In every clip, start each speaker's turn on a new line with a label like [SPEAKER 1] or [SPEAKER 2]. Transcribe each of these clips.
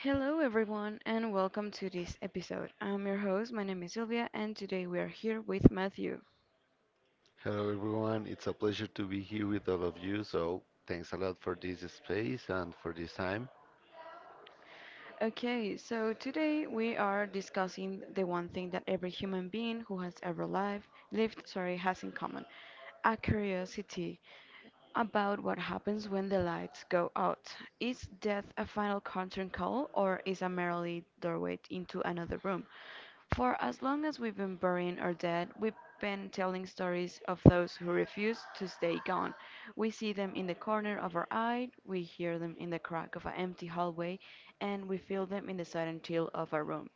[SPEAKER 1] Hello, everyone, and welcome to this episode. I'm your host, my name is Sylvia, and today we are here with Matthew.
[SPEAKER 2] Hello everyone, it's a pleasure to be here with all of you. So, thanks a lot for this space and for this time.
[SPEAKER 1] Okay, so today we are discussing the one thing that every human being who has ever lived, sorry, has in common, a curiosity about what happens when the lights go out. Is death a final curtain call or is a merely doorway into another room? For as long as we've been burying our dead, we've been telling stories of those who refuse to stay gone. We see them in the corner of our eye, we hear them in the crack of an empty hallway, and we feel them in the sudden chill of a room.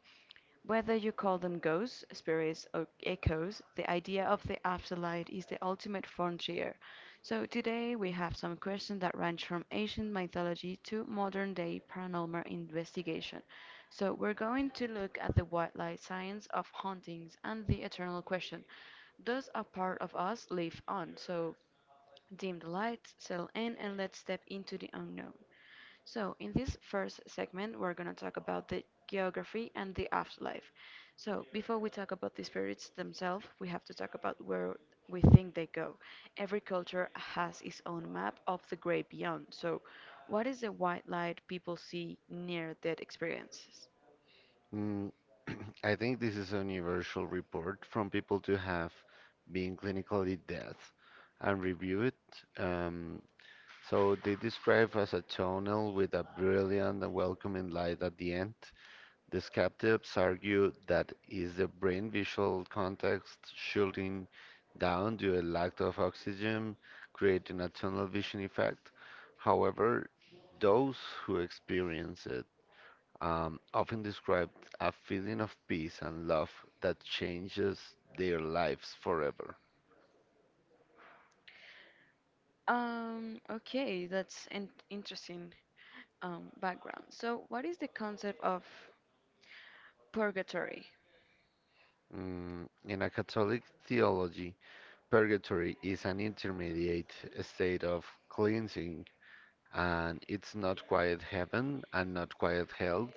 [SPEAKER 1] Whether you call them ghosts, spirits, or echoes, the idea of the afterlife is the ultimate frontier. So, today we have some questions that range from ancient mythology to modern day paranormal investigation. So, we're going to look at the wildlife science of hauntings and the eternal question, does a part of us live on? So, dim the lights, settle in, and let's step into the unknown. So, in this first segment, we're going to talk about the geography and the afterlife. So, before we talk about the spirits themselves, we have to talk about where we think they go. Every culture has its own map of the great beyond. So, what is the white light people see near death experiences?
[SPEAKER 2] Mm, I think this is a universal report from people to have been clinically dead and review it. Um, so, they describe as a tunnel with a brilliant and welcoming light at the end. The skeptics argue that is the brain visual context shutting down due to a lack of oxygen, creating a tunnel vision effect. However, those who experience it often describe a feeling of peace and love that changes their lives forever.
[SPEAKER 1] Okay, that's an interesting background. So, what is the concept of purgatory?
[SPEAKER 2] In a Catholic theology, purgatory is an intermediate state of cleansing and it's not quite heaven and not quite hell.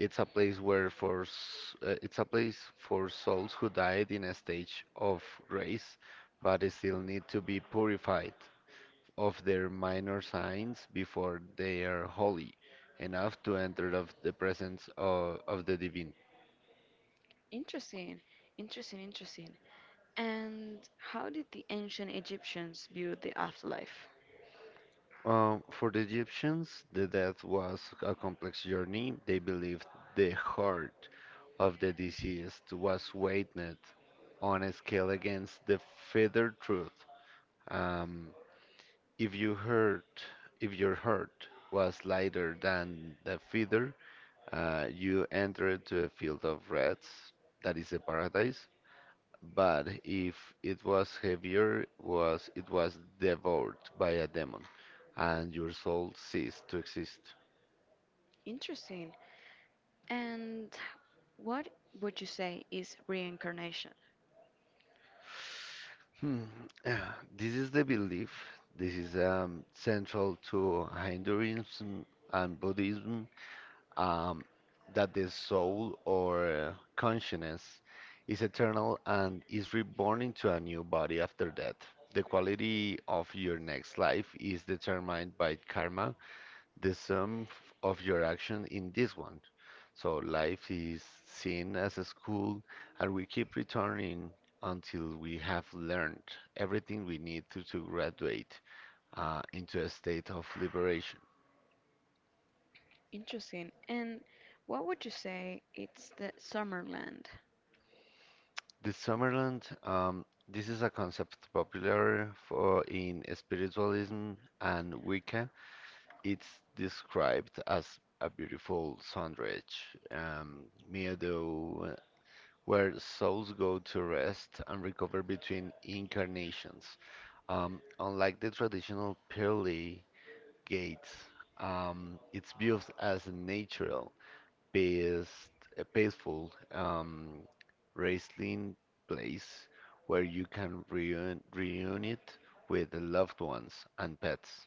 [SPEAKER 2] It's a place it's a place for souls who died in a stage of grace, but they still need to be purified of their minor sins before they are holy enough to enter of the presence of the divine.
[SPEAKER 1] Interesting, interesting, interesting. And how did the ancient Egyptians view the afterlife?
[SPEAKER 2] For the Egyptians, the death was a complex journey. They believed the heart of the deceased was weighed on a scale against the feathered truth. Um, if you heard, if your heart was lighter than the feather, you entered to a field of rats, that is a paradise, but if it was heavier, was it was devoured by a demon, and your soul ceased to exist.
[SPEAKER 1] Interesting. And what would you say is reincarnation?
[SPEAKER 2] Hmm. This is the belief. This is central to Hinduism and Buddhism, um, that the soul or consciousness is eternal and is reborn into a new body after death. The quality of your next life is determined by karma, the sum of your action in this one. So life is seen as a school, and we keep returning until we have learned everything we need to graduate into a state of liberation.
[SPEAKER 1] Interesting. And what would you say it's the Summerland?
[SPEAKER 2] The Summerland, this is a concept popular for in spiritualism and Wicca. It's described as a beautiful sundress, um, meadow, where souls go to rest and recover between incarnations. Unlike the traditional pearly gates, it's viewed as a natural, peace, a peaceful, resting place where you can reunite with the loved ones and pets.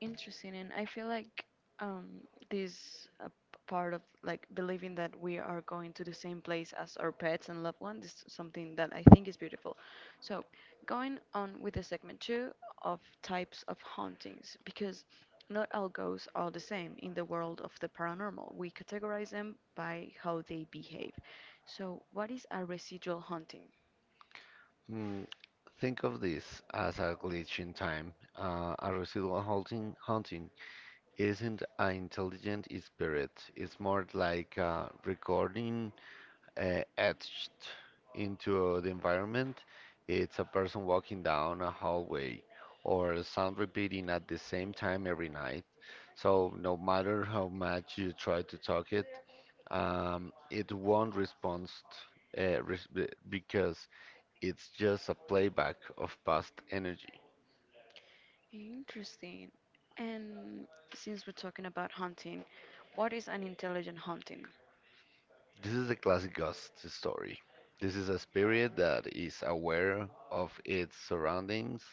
[SPEAKER 1] Interesting, and I feel like um, this part of like believing that we are going to the same place as our pets and loved ones is something that I think is beautiful. So, going on with the segment two of types of hauntings, because not all ghosts are the same in the world of the paranormal. We categorize them by how they behave. So, what is a residual haunting?
[SPEAKER 2] Mm, think of this as a glitch in time, a residual haunting isn't an intelligent spirit. It's more like a recording etched into the environment. It's a person walking down a hallway or a sound repeating at the same time every night. So no matter how much you try to talk it, it won't respond because it's just a playback of past energy.
[SPEAKER 1] Interesting. And since we're talking about hunting, what is an intelligent hunting?
[SPEAKER 2] This is a classic ghost story. This is a spirit that is aware of its surroundings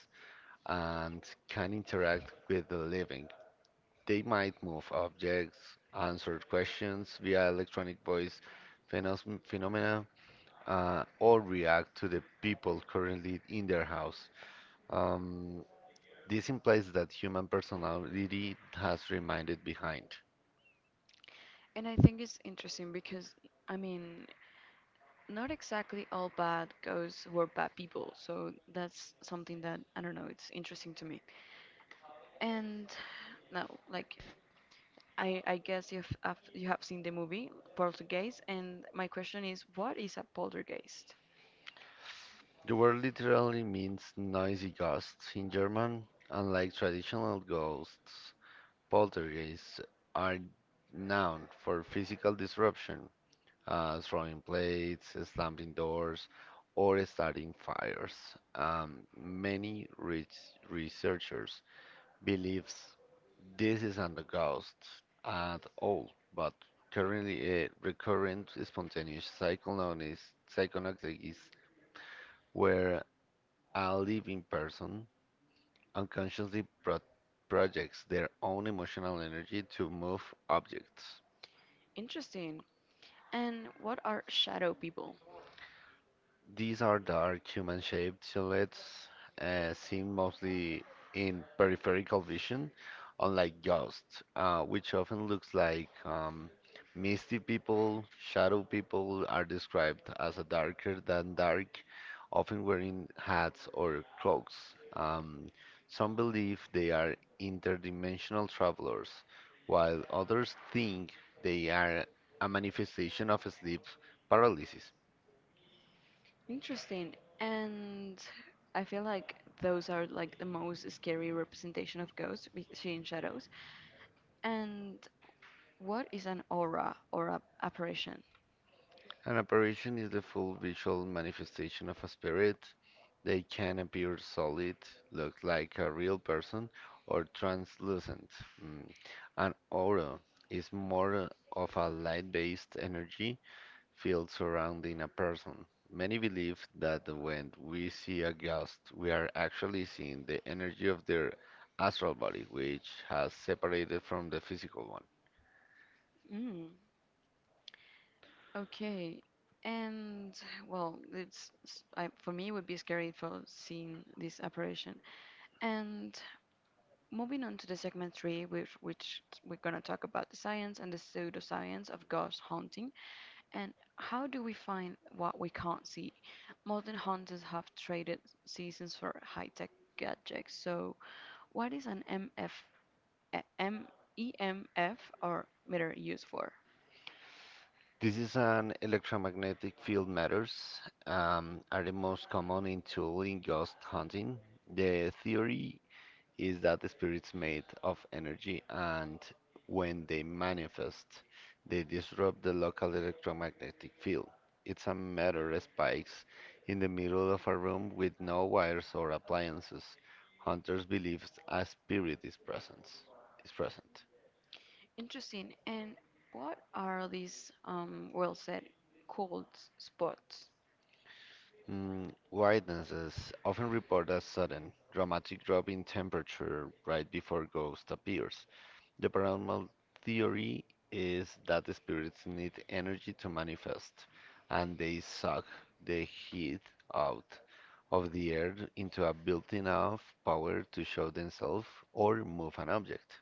[SPEAKER 2] and can interact with the living. They might move objects, answer questions via electronic voice phenomena, or react to the people currently in their house. Um, this implies that human personality has remained behind.
[SPEAKER 1] And I think it's interesting because, I mean, not exactly all bad goes were bad people. So that's something that, I don't know, it's interesting to me. And now, like, I guess you have seen the movie Poltergeist, and my question is, what is a poltergeist?
[SPEAKER 2] The word literally means noisy ghosts in German. Unlike traditional ghosts, poltergeists are known for physical disruption, throwing plates, slamming doors, or starting fires. Many rich researchers believe this isn't a ghost at all, but currently a recurrent spontaneous psychonosis where a living person unconsciously projects their own emotional energy to move objects.
[SPEAKER 1] Interesting. And what are shadow people?
[SPEAKER 2] These are dark human-shaped silhouettes seen mostly in peripheral vision, unlike ghosts, which often looks like misty people. Shadow people are described as a darker than dark, often wearing hats or cloaks. Um, some believe they are interdimensional travelers, while others think they are a manifestation of sleep paralysis.
[SPEAKER 1] Interesting. And I feel like those are like the most scary representation of ghosts, seeing shadows. And what is an aura or a apparition?
[SPEAKER 2] An apparition is the full visual manifestation of a spirit. They can appear solid, look like a real person, or translucent. Mm. An aura is more of a light-based energy field surrounding a person. Many believe that when we see a ghost, we are actually seeing the energy of their astral body, which has separated from the physical one.
[SPEAKER 1] Mm, okay. And well, for me it would be scary for seeing this apparition. And moving on to the segment three, which we're gonna talk about the science and the pseudoscience of ghost hunting. And how do we find what we can't see? Modern hunters have traded seasons for high-tech gadgets. So, what is an MF, or meter used for?
[SPEAKER 2] This is an electromagnetic field matters are the most common in tool in ghost hunting. The theory is that the spirits made of energy and when they manifest, they disrupt the local electromagnetic field. It's a matter of spikes in the middle of a room with no wires or appliances. Hunters believe a spirit is present. Is present.
[SPEAKER 1] Interesting. And what are these well said cold spots?
[SPEAKER 2] Mm, Witnesses often report a sudden, dramatic drop in temperature right before ghost appears. The paranormal theory is that the spirits need energy to manifest, and they suck the heat out of the air into a built enough power to show themselves or move an object.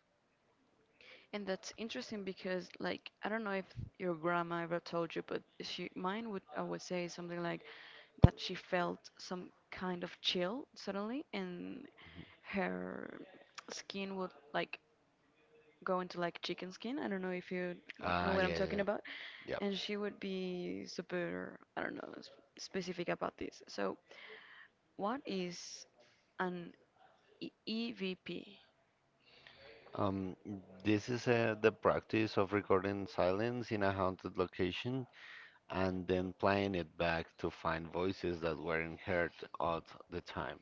[SPEAKER 1] And that's interesting because, like, I don't know if your grandma ever told you, but she mine would I would say something like that she felt some kind of chill suddenly, and her skin would like go into like chicken skin. I don't know if you know
[SPEAKER 2] Ah,
[SPEAKER 1] what I'm
[SPEAKER 2] yeah, yeah,
[SPEAKER 1] talking
[SPEAKER 2] yeah.
[SPEAKER 1] about.
[SPEAKER 2] Yep.
[SPEAKER 1] And she would be super, I don't know, specific about this. So, what is an EVP?
[SPEAKER 2] Um, this is the practice of recording silence in a haunted location and then playing it back to find voices that weren't heard at the time.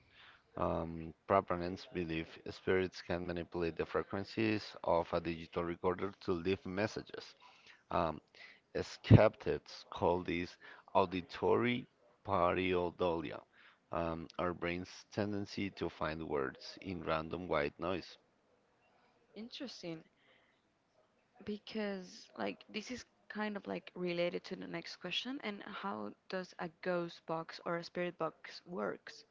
[SPEAKER 2] Proponents believe spirits can manipulate the frequencies of a digital recorder to leave messages. Um, skeptics call this auditory pareidolia, our brain's tendency to find words in random white noise.
[SPEAKER 1] Interesting, because like this is kind of like related to the next question, and how does a ghost box or a spirit box works?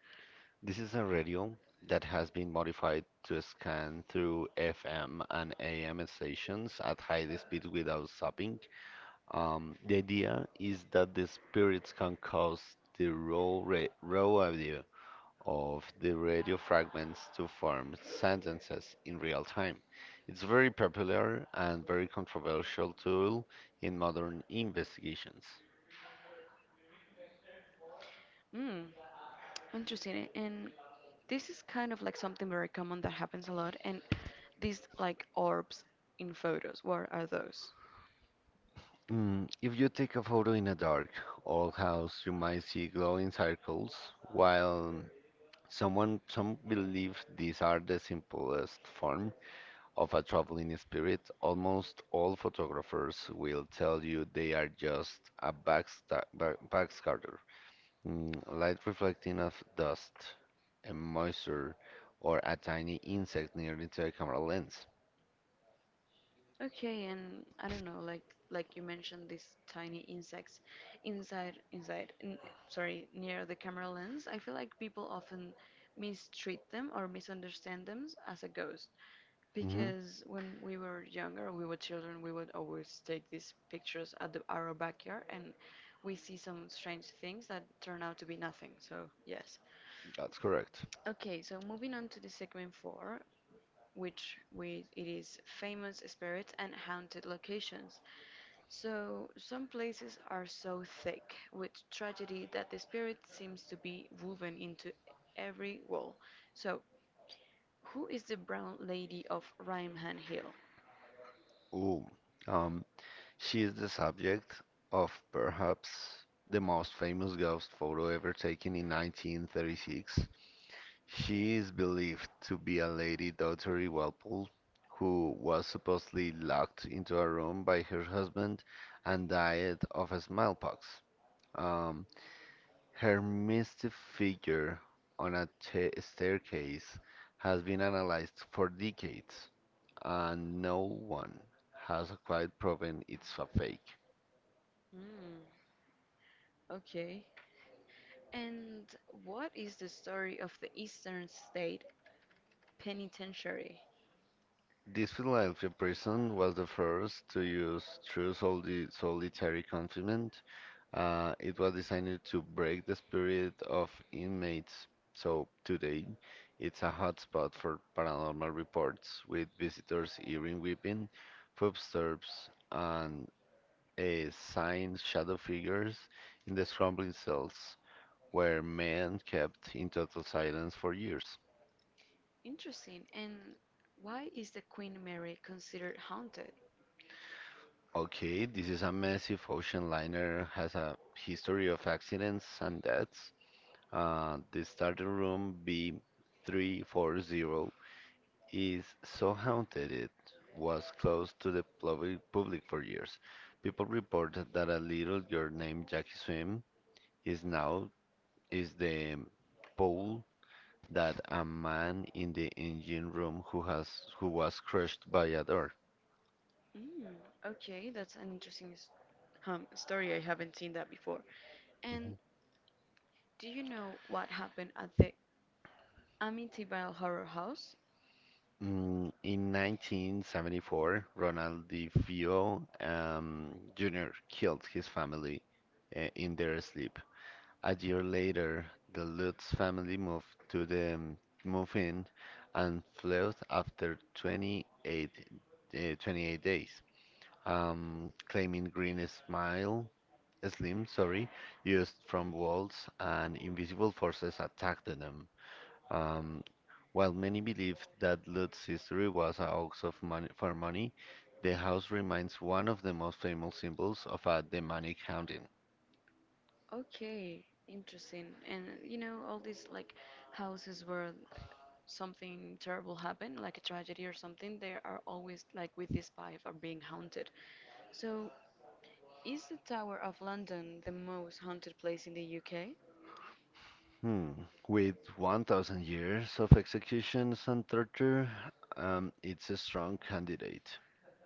[SPEAKER 2] This is a radio that has been modified to scan through FM and AM stations at high speed without stopping. The idea is that the spirits can cause the raw audio of the radio fragments to form sentences in real time. It's very popular and very controversial tool in modern investigations.
[SPEAKER 1] Hmm. Interesting. And this is kind of like something very common that happens a lot. And these like orbs in photos, what are those?
[SPEAKER 2] Mm, if you take a photo in a dark, old house, you might see glowing circles, while some believe these are the simplest form of a traveling spirit. Almost all photographers will tell you they are just a backscatter, light reflecting of dust and moisture, or a tiny insect near to a camera lens.
[SPEAKER 1] Okay, and I don't know, like you mentioned, these tiny insects inside inside n sorry, near the camera lens. I feel like people often mistreat them or misunderstand them as a ghost.
[SPEAKER 2] Mhm.
[SPEAKER 1] Because when we were younger, we were children, we would always take these pictures at our backyard, and we see some strange things that turn out to be nothing. So, yes.
[SPEAKER 2] That's correct.
[SPEAKER 1] Okay, so moving on to the segment four, which we, it is famous spirits and haunted locations. So, some places are so thick with tragedy that the spirit seems to be woven into every wall. So, who is the brown lady of Rhineland Hill?
[SPEAKER 2] Ooh, um, she is the subject of perhaps the most famous ghost photo ever taken in 1936. She is believed to be a Lady Dottery Walpole who was supposedly locked into a room by her husband and died of smallpox. Um, her mystic figure on a ta staircase has been analyzed for decades, and no one has quite proven it's a fake.
[SPEAKER 1] Mm. Okay. And what is the story of the Eastern State Penitentiary?
[SPEAKER 2] This Philadelphia prison was the first to use true solitary confinement. It was designed to break the spirit of inmates, so today it's a hotspot for paranormal reports, with visitors hearing weeping, footsteps, and a sign shadow figures in the crumbling cells. Where men kept in total silence for years.
[SPEAKER 1] Interesting. And why is the Queen Mary considered haunted?
[SPEAKER 2] Okay, this is a massive ocean liner, has a history of accidents and deaths. The starting room B340 is so haunted it was closed to the public for years. People reported that a little girl named Jackie Swim is now is the pole that a man in the engine room who was crushed by a door.
[SPEAKER 1] Mm, okay, that's an interesting story. I haven't seen that before. And do you know what happened at the Amityville Horror House?
[SPEAKER 2] Mm, In 1974, Ronald DeFeo Jr. killed his family in their sleep. A year later, the Lutz family moved to the move in and fled after 28 days, claiming green smile, slim, sorry, used from walls and invisible forces attacked them. Um, while many believe that Lutz's history was a hoax of money, for money, the house remains one of the most famous symbols of a demonic haunting.
[SPEAKER 1] Okay, interesting. And you know, all these like houses where something terrible happened, like a tragedy or something, they are always like with this vibe of being haunted. So, is the Tower of London the most haunted place in the UK?
[SPEAKER 2] Hmm. With 1,000 years of executions and torture, it's a strong candidate.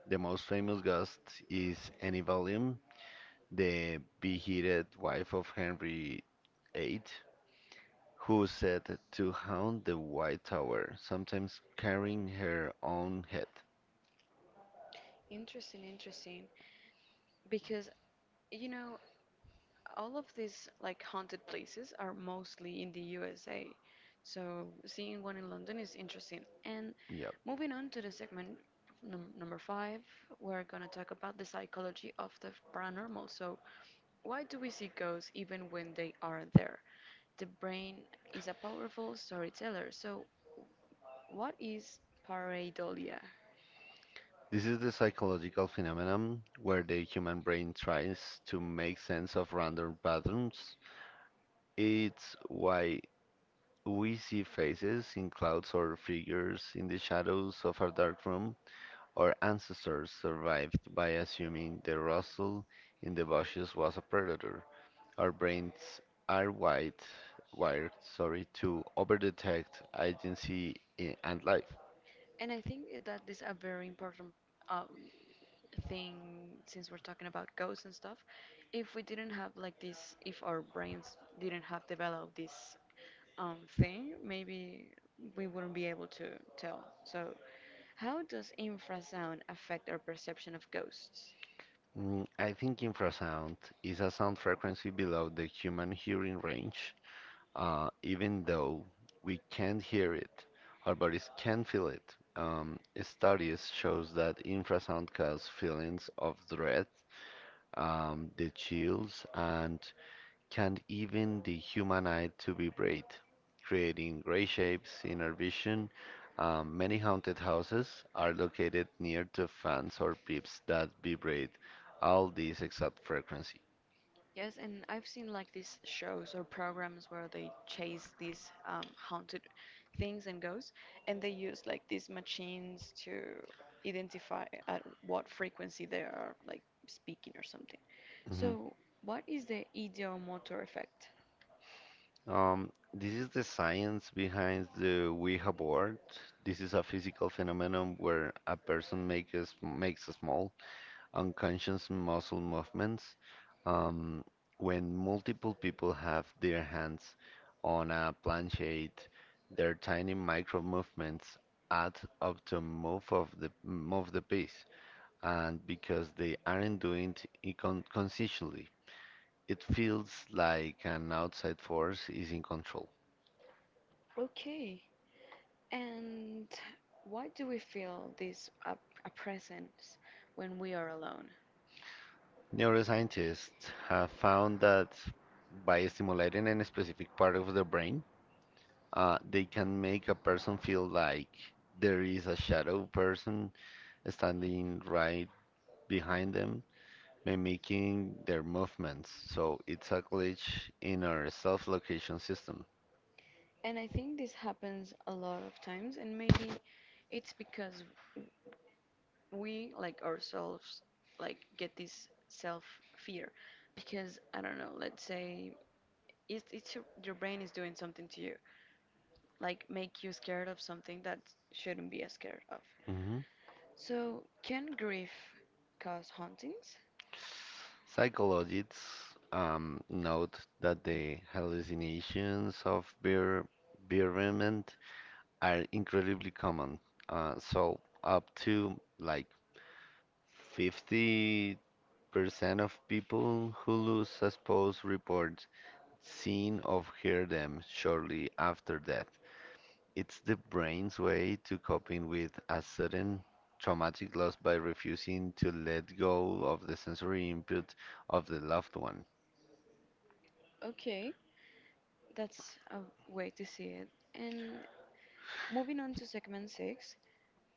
[SPEAKER 2] The most famous ghost is Annie Valium, the beheaded wife of Henry VIII, who is said to haunt the White Tower, sometimes carrying her own head.
[SPEAKER 1] Interesting, interesting. Because, you know, all of these like haunted places are mostly in the USA. So, seeing one in London is interesting. And
[SPEAKER 2] Yep.
[SPEAKER 1] moving on to the segment number five, we're gonna talk about the psychology of the paranormal. So, why do we see ghosts even when they are there? The brain is a powerful storyteller. So, what is pareidolia?
[SPEAKER 2] This is the psychological phenomenon where the human brain tries to make sense of random patterns. It's why we see faces in clouds or figures in the shadows of a dark room. Our ancestors survived by assuming the rustle in the bushes was a predator. Our brains are wired to overdetect agency and life.
[SPEAKER 1] And I think that this is a very important um, thing since we're talking about ghosts and stuff. If we didn't have like this, if our brains didn't have developed this thing, maybe we wouldn't be able to tell. So, how does infrasound affect our perception of ghosts?
[SPEAKER 2] I think infrasound is a sound frequency below the human hearing range. Even though we can't hear it, our bodies can feel it. Studies shows that infrasound causes feelings of dread, the chills, and can even the human eye to vibrate, creating gray shapes in our vision. Many haunted houses are located near to fans or pipes that vibrate all this exact frequency.
[SPEAKER 1] Yes, and I've seen like these shows or programs where they chase these haunted things and ghosts, and they use like these machines to identify at what frequency they are like speaking or something.
[SPEAKER 2] Mhm.
[SPEAKER 1] So, what is the ideomotor effect?
[SPEAKER 2] This is the science behind the Ouija board. This is a physical phenomenon where a person makes a small unconscious muscle movements. Um, when multiple people have their hands on a planchette, their tiny micro movements add up to move the piece. And because they aren't doing it consciously, it feels like an outside force is in control.
[SPEAKER 1] Okay, and why do we feel this a presence when we are alone?
[SPEAKER 2] Neuroscientists have found that by stimulating a specific part of the brain, they can make a person feel like there is a shadow person standing right behind them, mimicking their movements. So it's a glitch in our self-location system.
[SPEAKER 1] And I think this happens a lot of times, and maybe it's because we like ourselves like get this self fear because I don't know, let's say it's your brain is doing something to you, like make you scared of something that shouldn't be scared of.
[SPEAKER 2] Mhm.
[SPEAKER 1] So, can grief cause hauntings?
[SPEAKER 2] Psychologists note that the hallucinations of beer bereavement are incredibly common. So up to like 50% of people who lose a spouse report seeing or hear them shortly after death. It's the brain's way to coping with a sudden traumatic loss by refusing to let go of the sensory input of the loved one.
[SPEAKER 1] Okay, that's a way to see it. And moving on to segment six,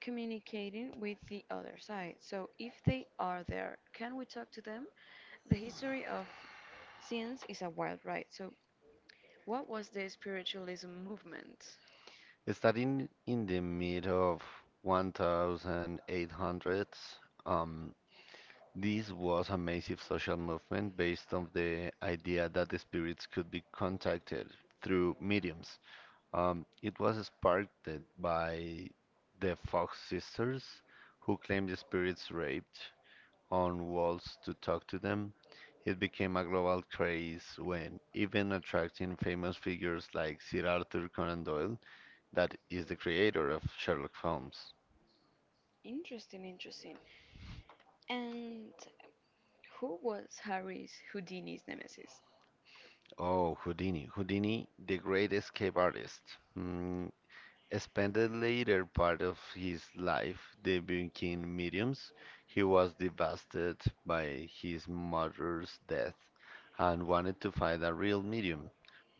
[SPEAKER 1] communicating with the other side. So, if they are there, can we talk to them? The history of scenes is a wild ride. So, what was the spiritualism movement?
[SPEAKER 2] Starting in the mid of 1800s, um, this was a massive social movement based on the idea that the spirits could be contacted through mediums. It was sparked by the Fox sisters, who claimed the spirits raped on walls to talk to them. It became a global craze when even attracting famous figures like Sir Arthur Conan Doyle, that is the creator of Sherlock Holmes.
[SPEAKER 1] Interesting, interesting. And who was Harry's Houdini's nemesis?
[SPEAKER 2] Oh, Houdini. Houdini, the great escape artist. Hmm, spent the later part of his life debunking mediums, he was devastated by his mother's death and wanted to find a real medium,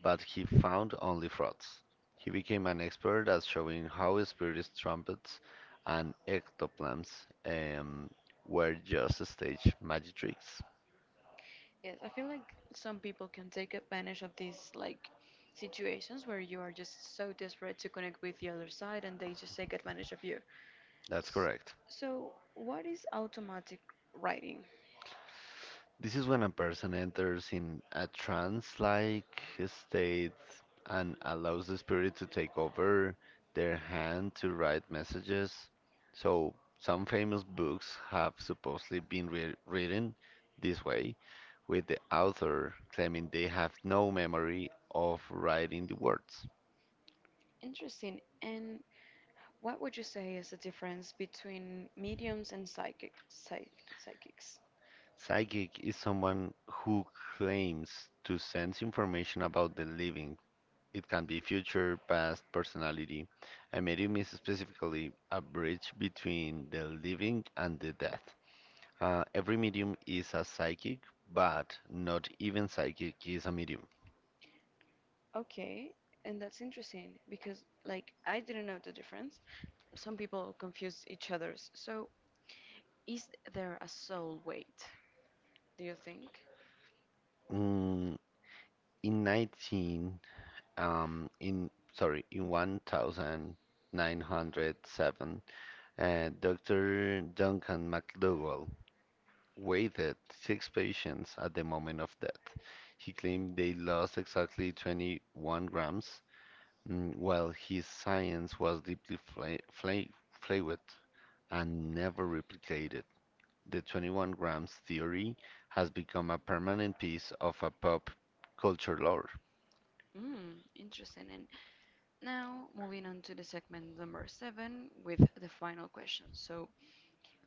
[SPEAKER 2] but he found only frauds. He became an expert at showing how spirits, trumpets, and ectoplasms um, were just stage magic tricks.
[SPEAKER 1] Yes, I feel like some people can take advantage of these like situations where you are just so desperate to connect with the other side and they just take advantage of you.
[SPEAKER 2] That's
[SPEAKER 1] S-
[SPEAKER 2] correct.
[SPEAKER 1] So, what is automatic writing?
[SPEAKER 2] This is when a person enters in a trance-like state and allows the spirit to take over their hand to write messages. So, some famous books have supposedly been re written this way, with the author claiming they have no memory of writing the words.
[SPEAKER 1] Interesting. And what would you say is the difference between mediums and psychics?
[SPEAKER 2] Psychic is someone who claims to sense information about the living. It can be future, past, personality. A medium is specifically a bridge between the living and the dead. Every medium is a psychic, but not even psychic is a medium.
[SPEAKER 1] Okay, and that's interesting because, like, I didn't know the difference. Some people confuse each other's. So, is there a soul weight? Do you think?
[SPEAKER 2] Mm, in 19, in sorry, in 1907, Dr. Duncan McDougall waited six patients at the moment of death. He claimed they lost exactly 21 grams. Well, his science was deeply flawed and never replicated. The 21 grams theory has become a permanent piece of a pop culture lore.
[SPEAKER 1] Hmm, interesting. And now, moving on to the segment number seven with the final question. So,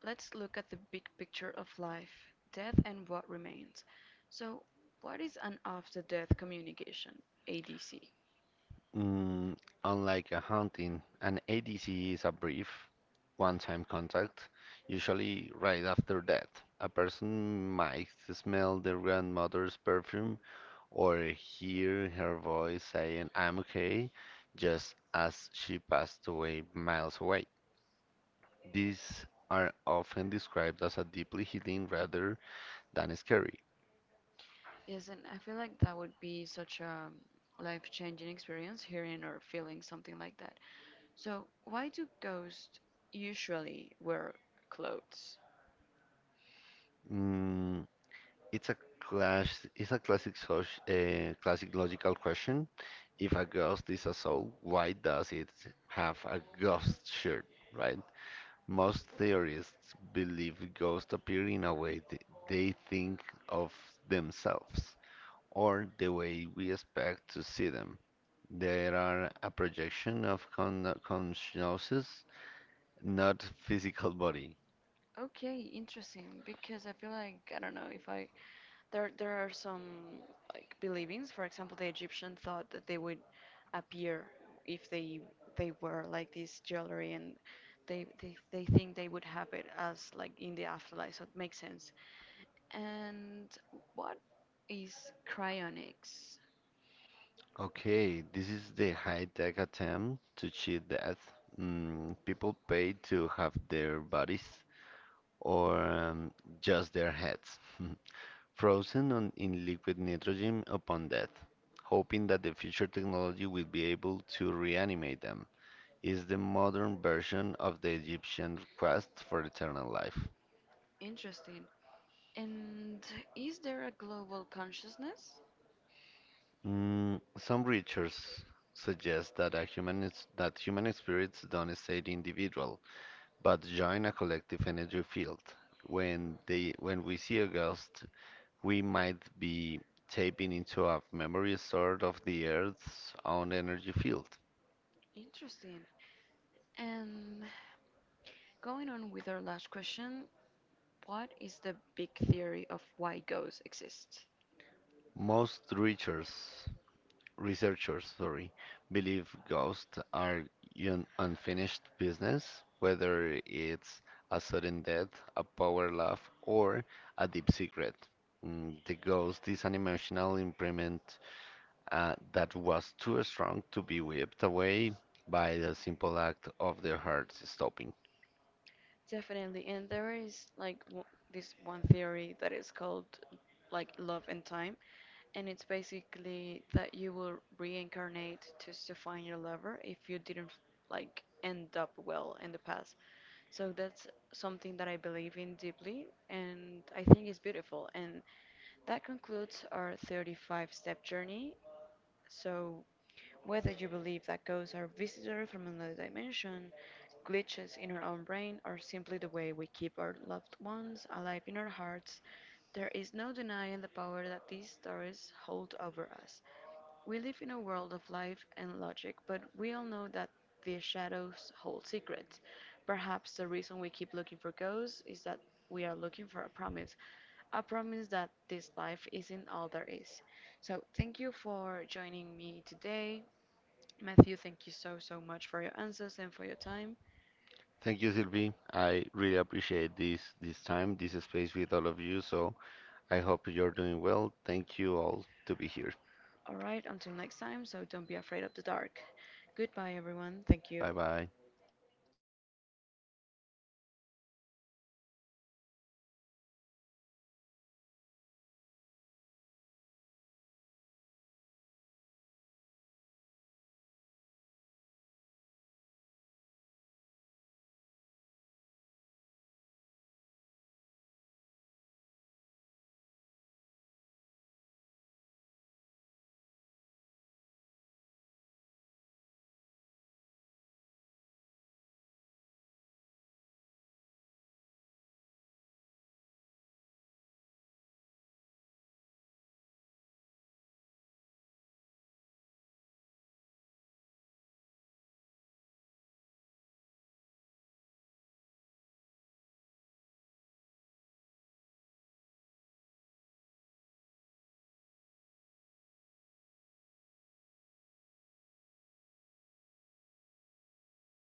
[SPEAKER 1] let's look at the big picture of life, death, and what remains. So, what is an after death communication? ADC.
[SPEAKER 2] Mm, unlike a hunting, an ADC is a brief, one-time contact, usually right after death. A person might smell their grandmother's perfume or hear her voice saying, I'm okay, just as she passed away miles away. These are often described as a deeply healing rather than scary.
[SPEAKER 1] Yes, and I feel like that would be such a life-changing experience hearing or feeling something like that. So, why do ghosts usually wear clothes?
[SPEAKER 2] Mm, it's a classic, classic logical question. If a ghost is a soul, why does it have a ghost shirt, right? Most theorists believe ghosts appear in a way they think of themselves, or the way we expect to see them. They are a projection of consciousness, not physical body.
[SPEAKER 1] Okay, interesting. Because I feel like I don't know if I there are some like believings. For example, the Egyptian thought that they would appear if they were like this jewelry, and they think they would have it as like in the afterlife. So it makes sense. And what is cryonics?
[SPEAKER 2] Okay, this is the high-tech attempt to cheat death. Mm, people pay to have their bodies or just their heads frozen on, in liquid nitrogen upon death, hoping that the future technology will be able to reanimate them. Is the modern version of the Egyptian quest for eternal life.
[SPEAKER 1] Interesting. And is there a global consciousness?
[SPEAKER 2] Mm, some researchers suggest that, that human spirits don't stay individual, but join a collective energy field. When we see a ghost, we might be tapping into a memory stored of the Earth's own energy field.
[SPEAKER 1] Interesting. And going on with our last question, what is the big theory of why ghosts exist?
[SPEAKER 2] Most researchers believe ghosts are un unfinished business, whether it's a sudden death, a power laugh, or a deep secret. Mm, the ghost is an emotional imprint that was too strong to be whipped away by the simple act of their hearts stopping.
[SPEAKER 1] Definitely, and there is like w this one theory that is called like love and time. And it's basically that you will reincarnate just to find your lover if you didn't like end up well in the past. So that's something that I believe in deeply and I think it's beautiful. And that concludes our 35 step journey. So whether you believe that ghosts are visitors from another dimension, glitches in our own brain, or simply the way we keep our loved ones alive in our hearts, there is no denying the power that these stories hold over us. We live in a world of life and logic, but we all know that the shadows hold secrets. Perhaps the reason we keep looking for ghosts is that we are looking for a promise that this life isn't all there is. So, thank you for joining me today. Matthew, thank you so, so much for your answers and for your time.
[SPEAKER 2] Thank you, Sylvie. I really appreciate this time, this space with all of you. So I hope you're doing well. Thank you all to be here.
[SPEAKER 1] All right, until next time, so don't be afraid of the dark. Goodbye, everyone. Thank you.
[SPEAKER 2] Bye bye.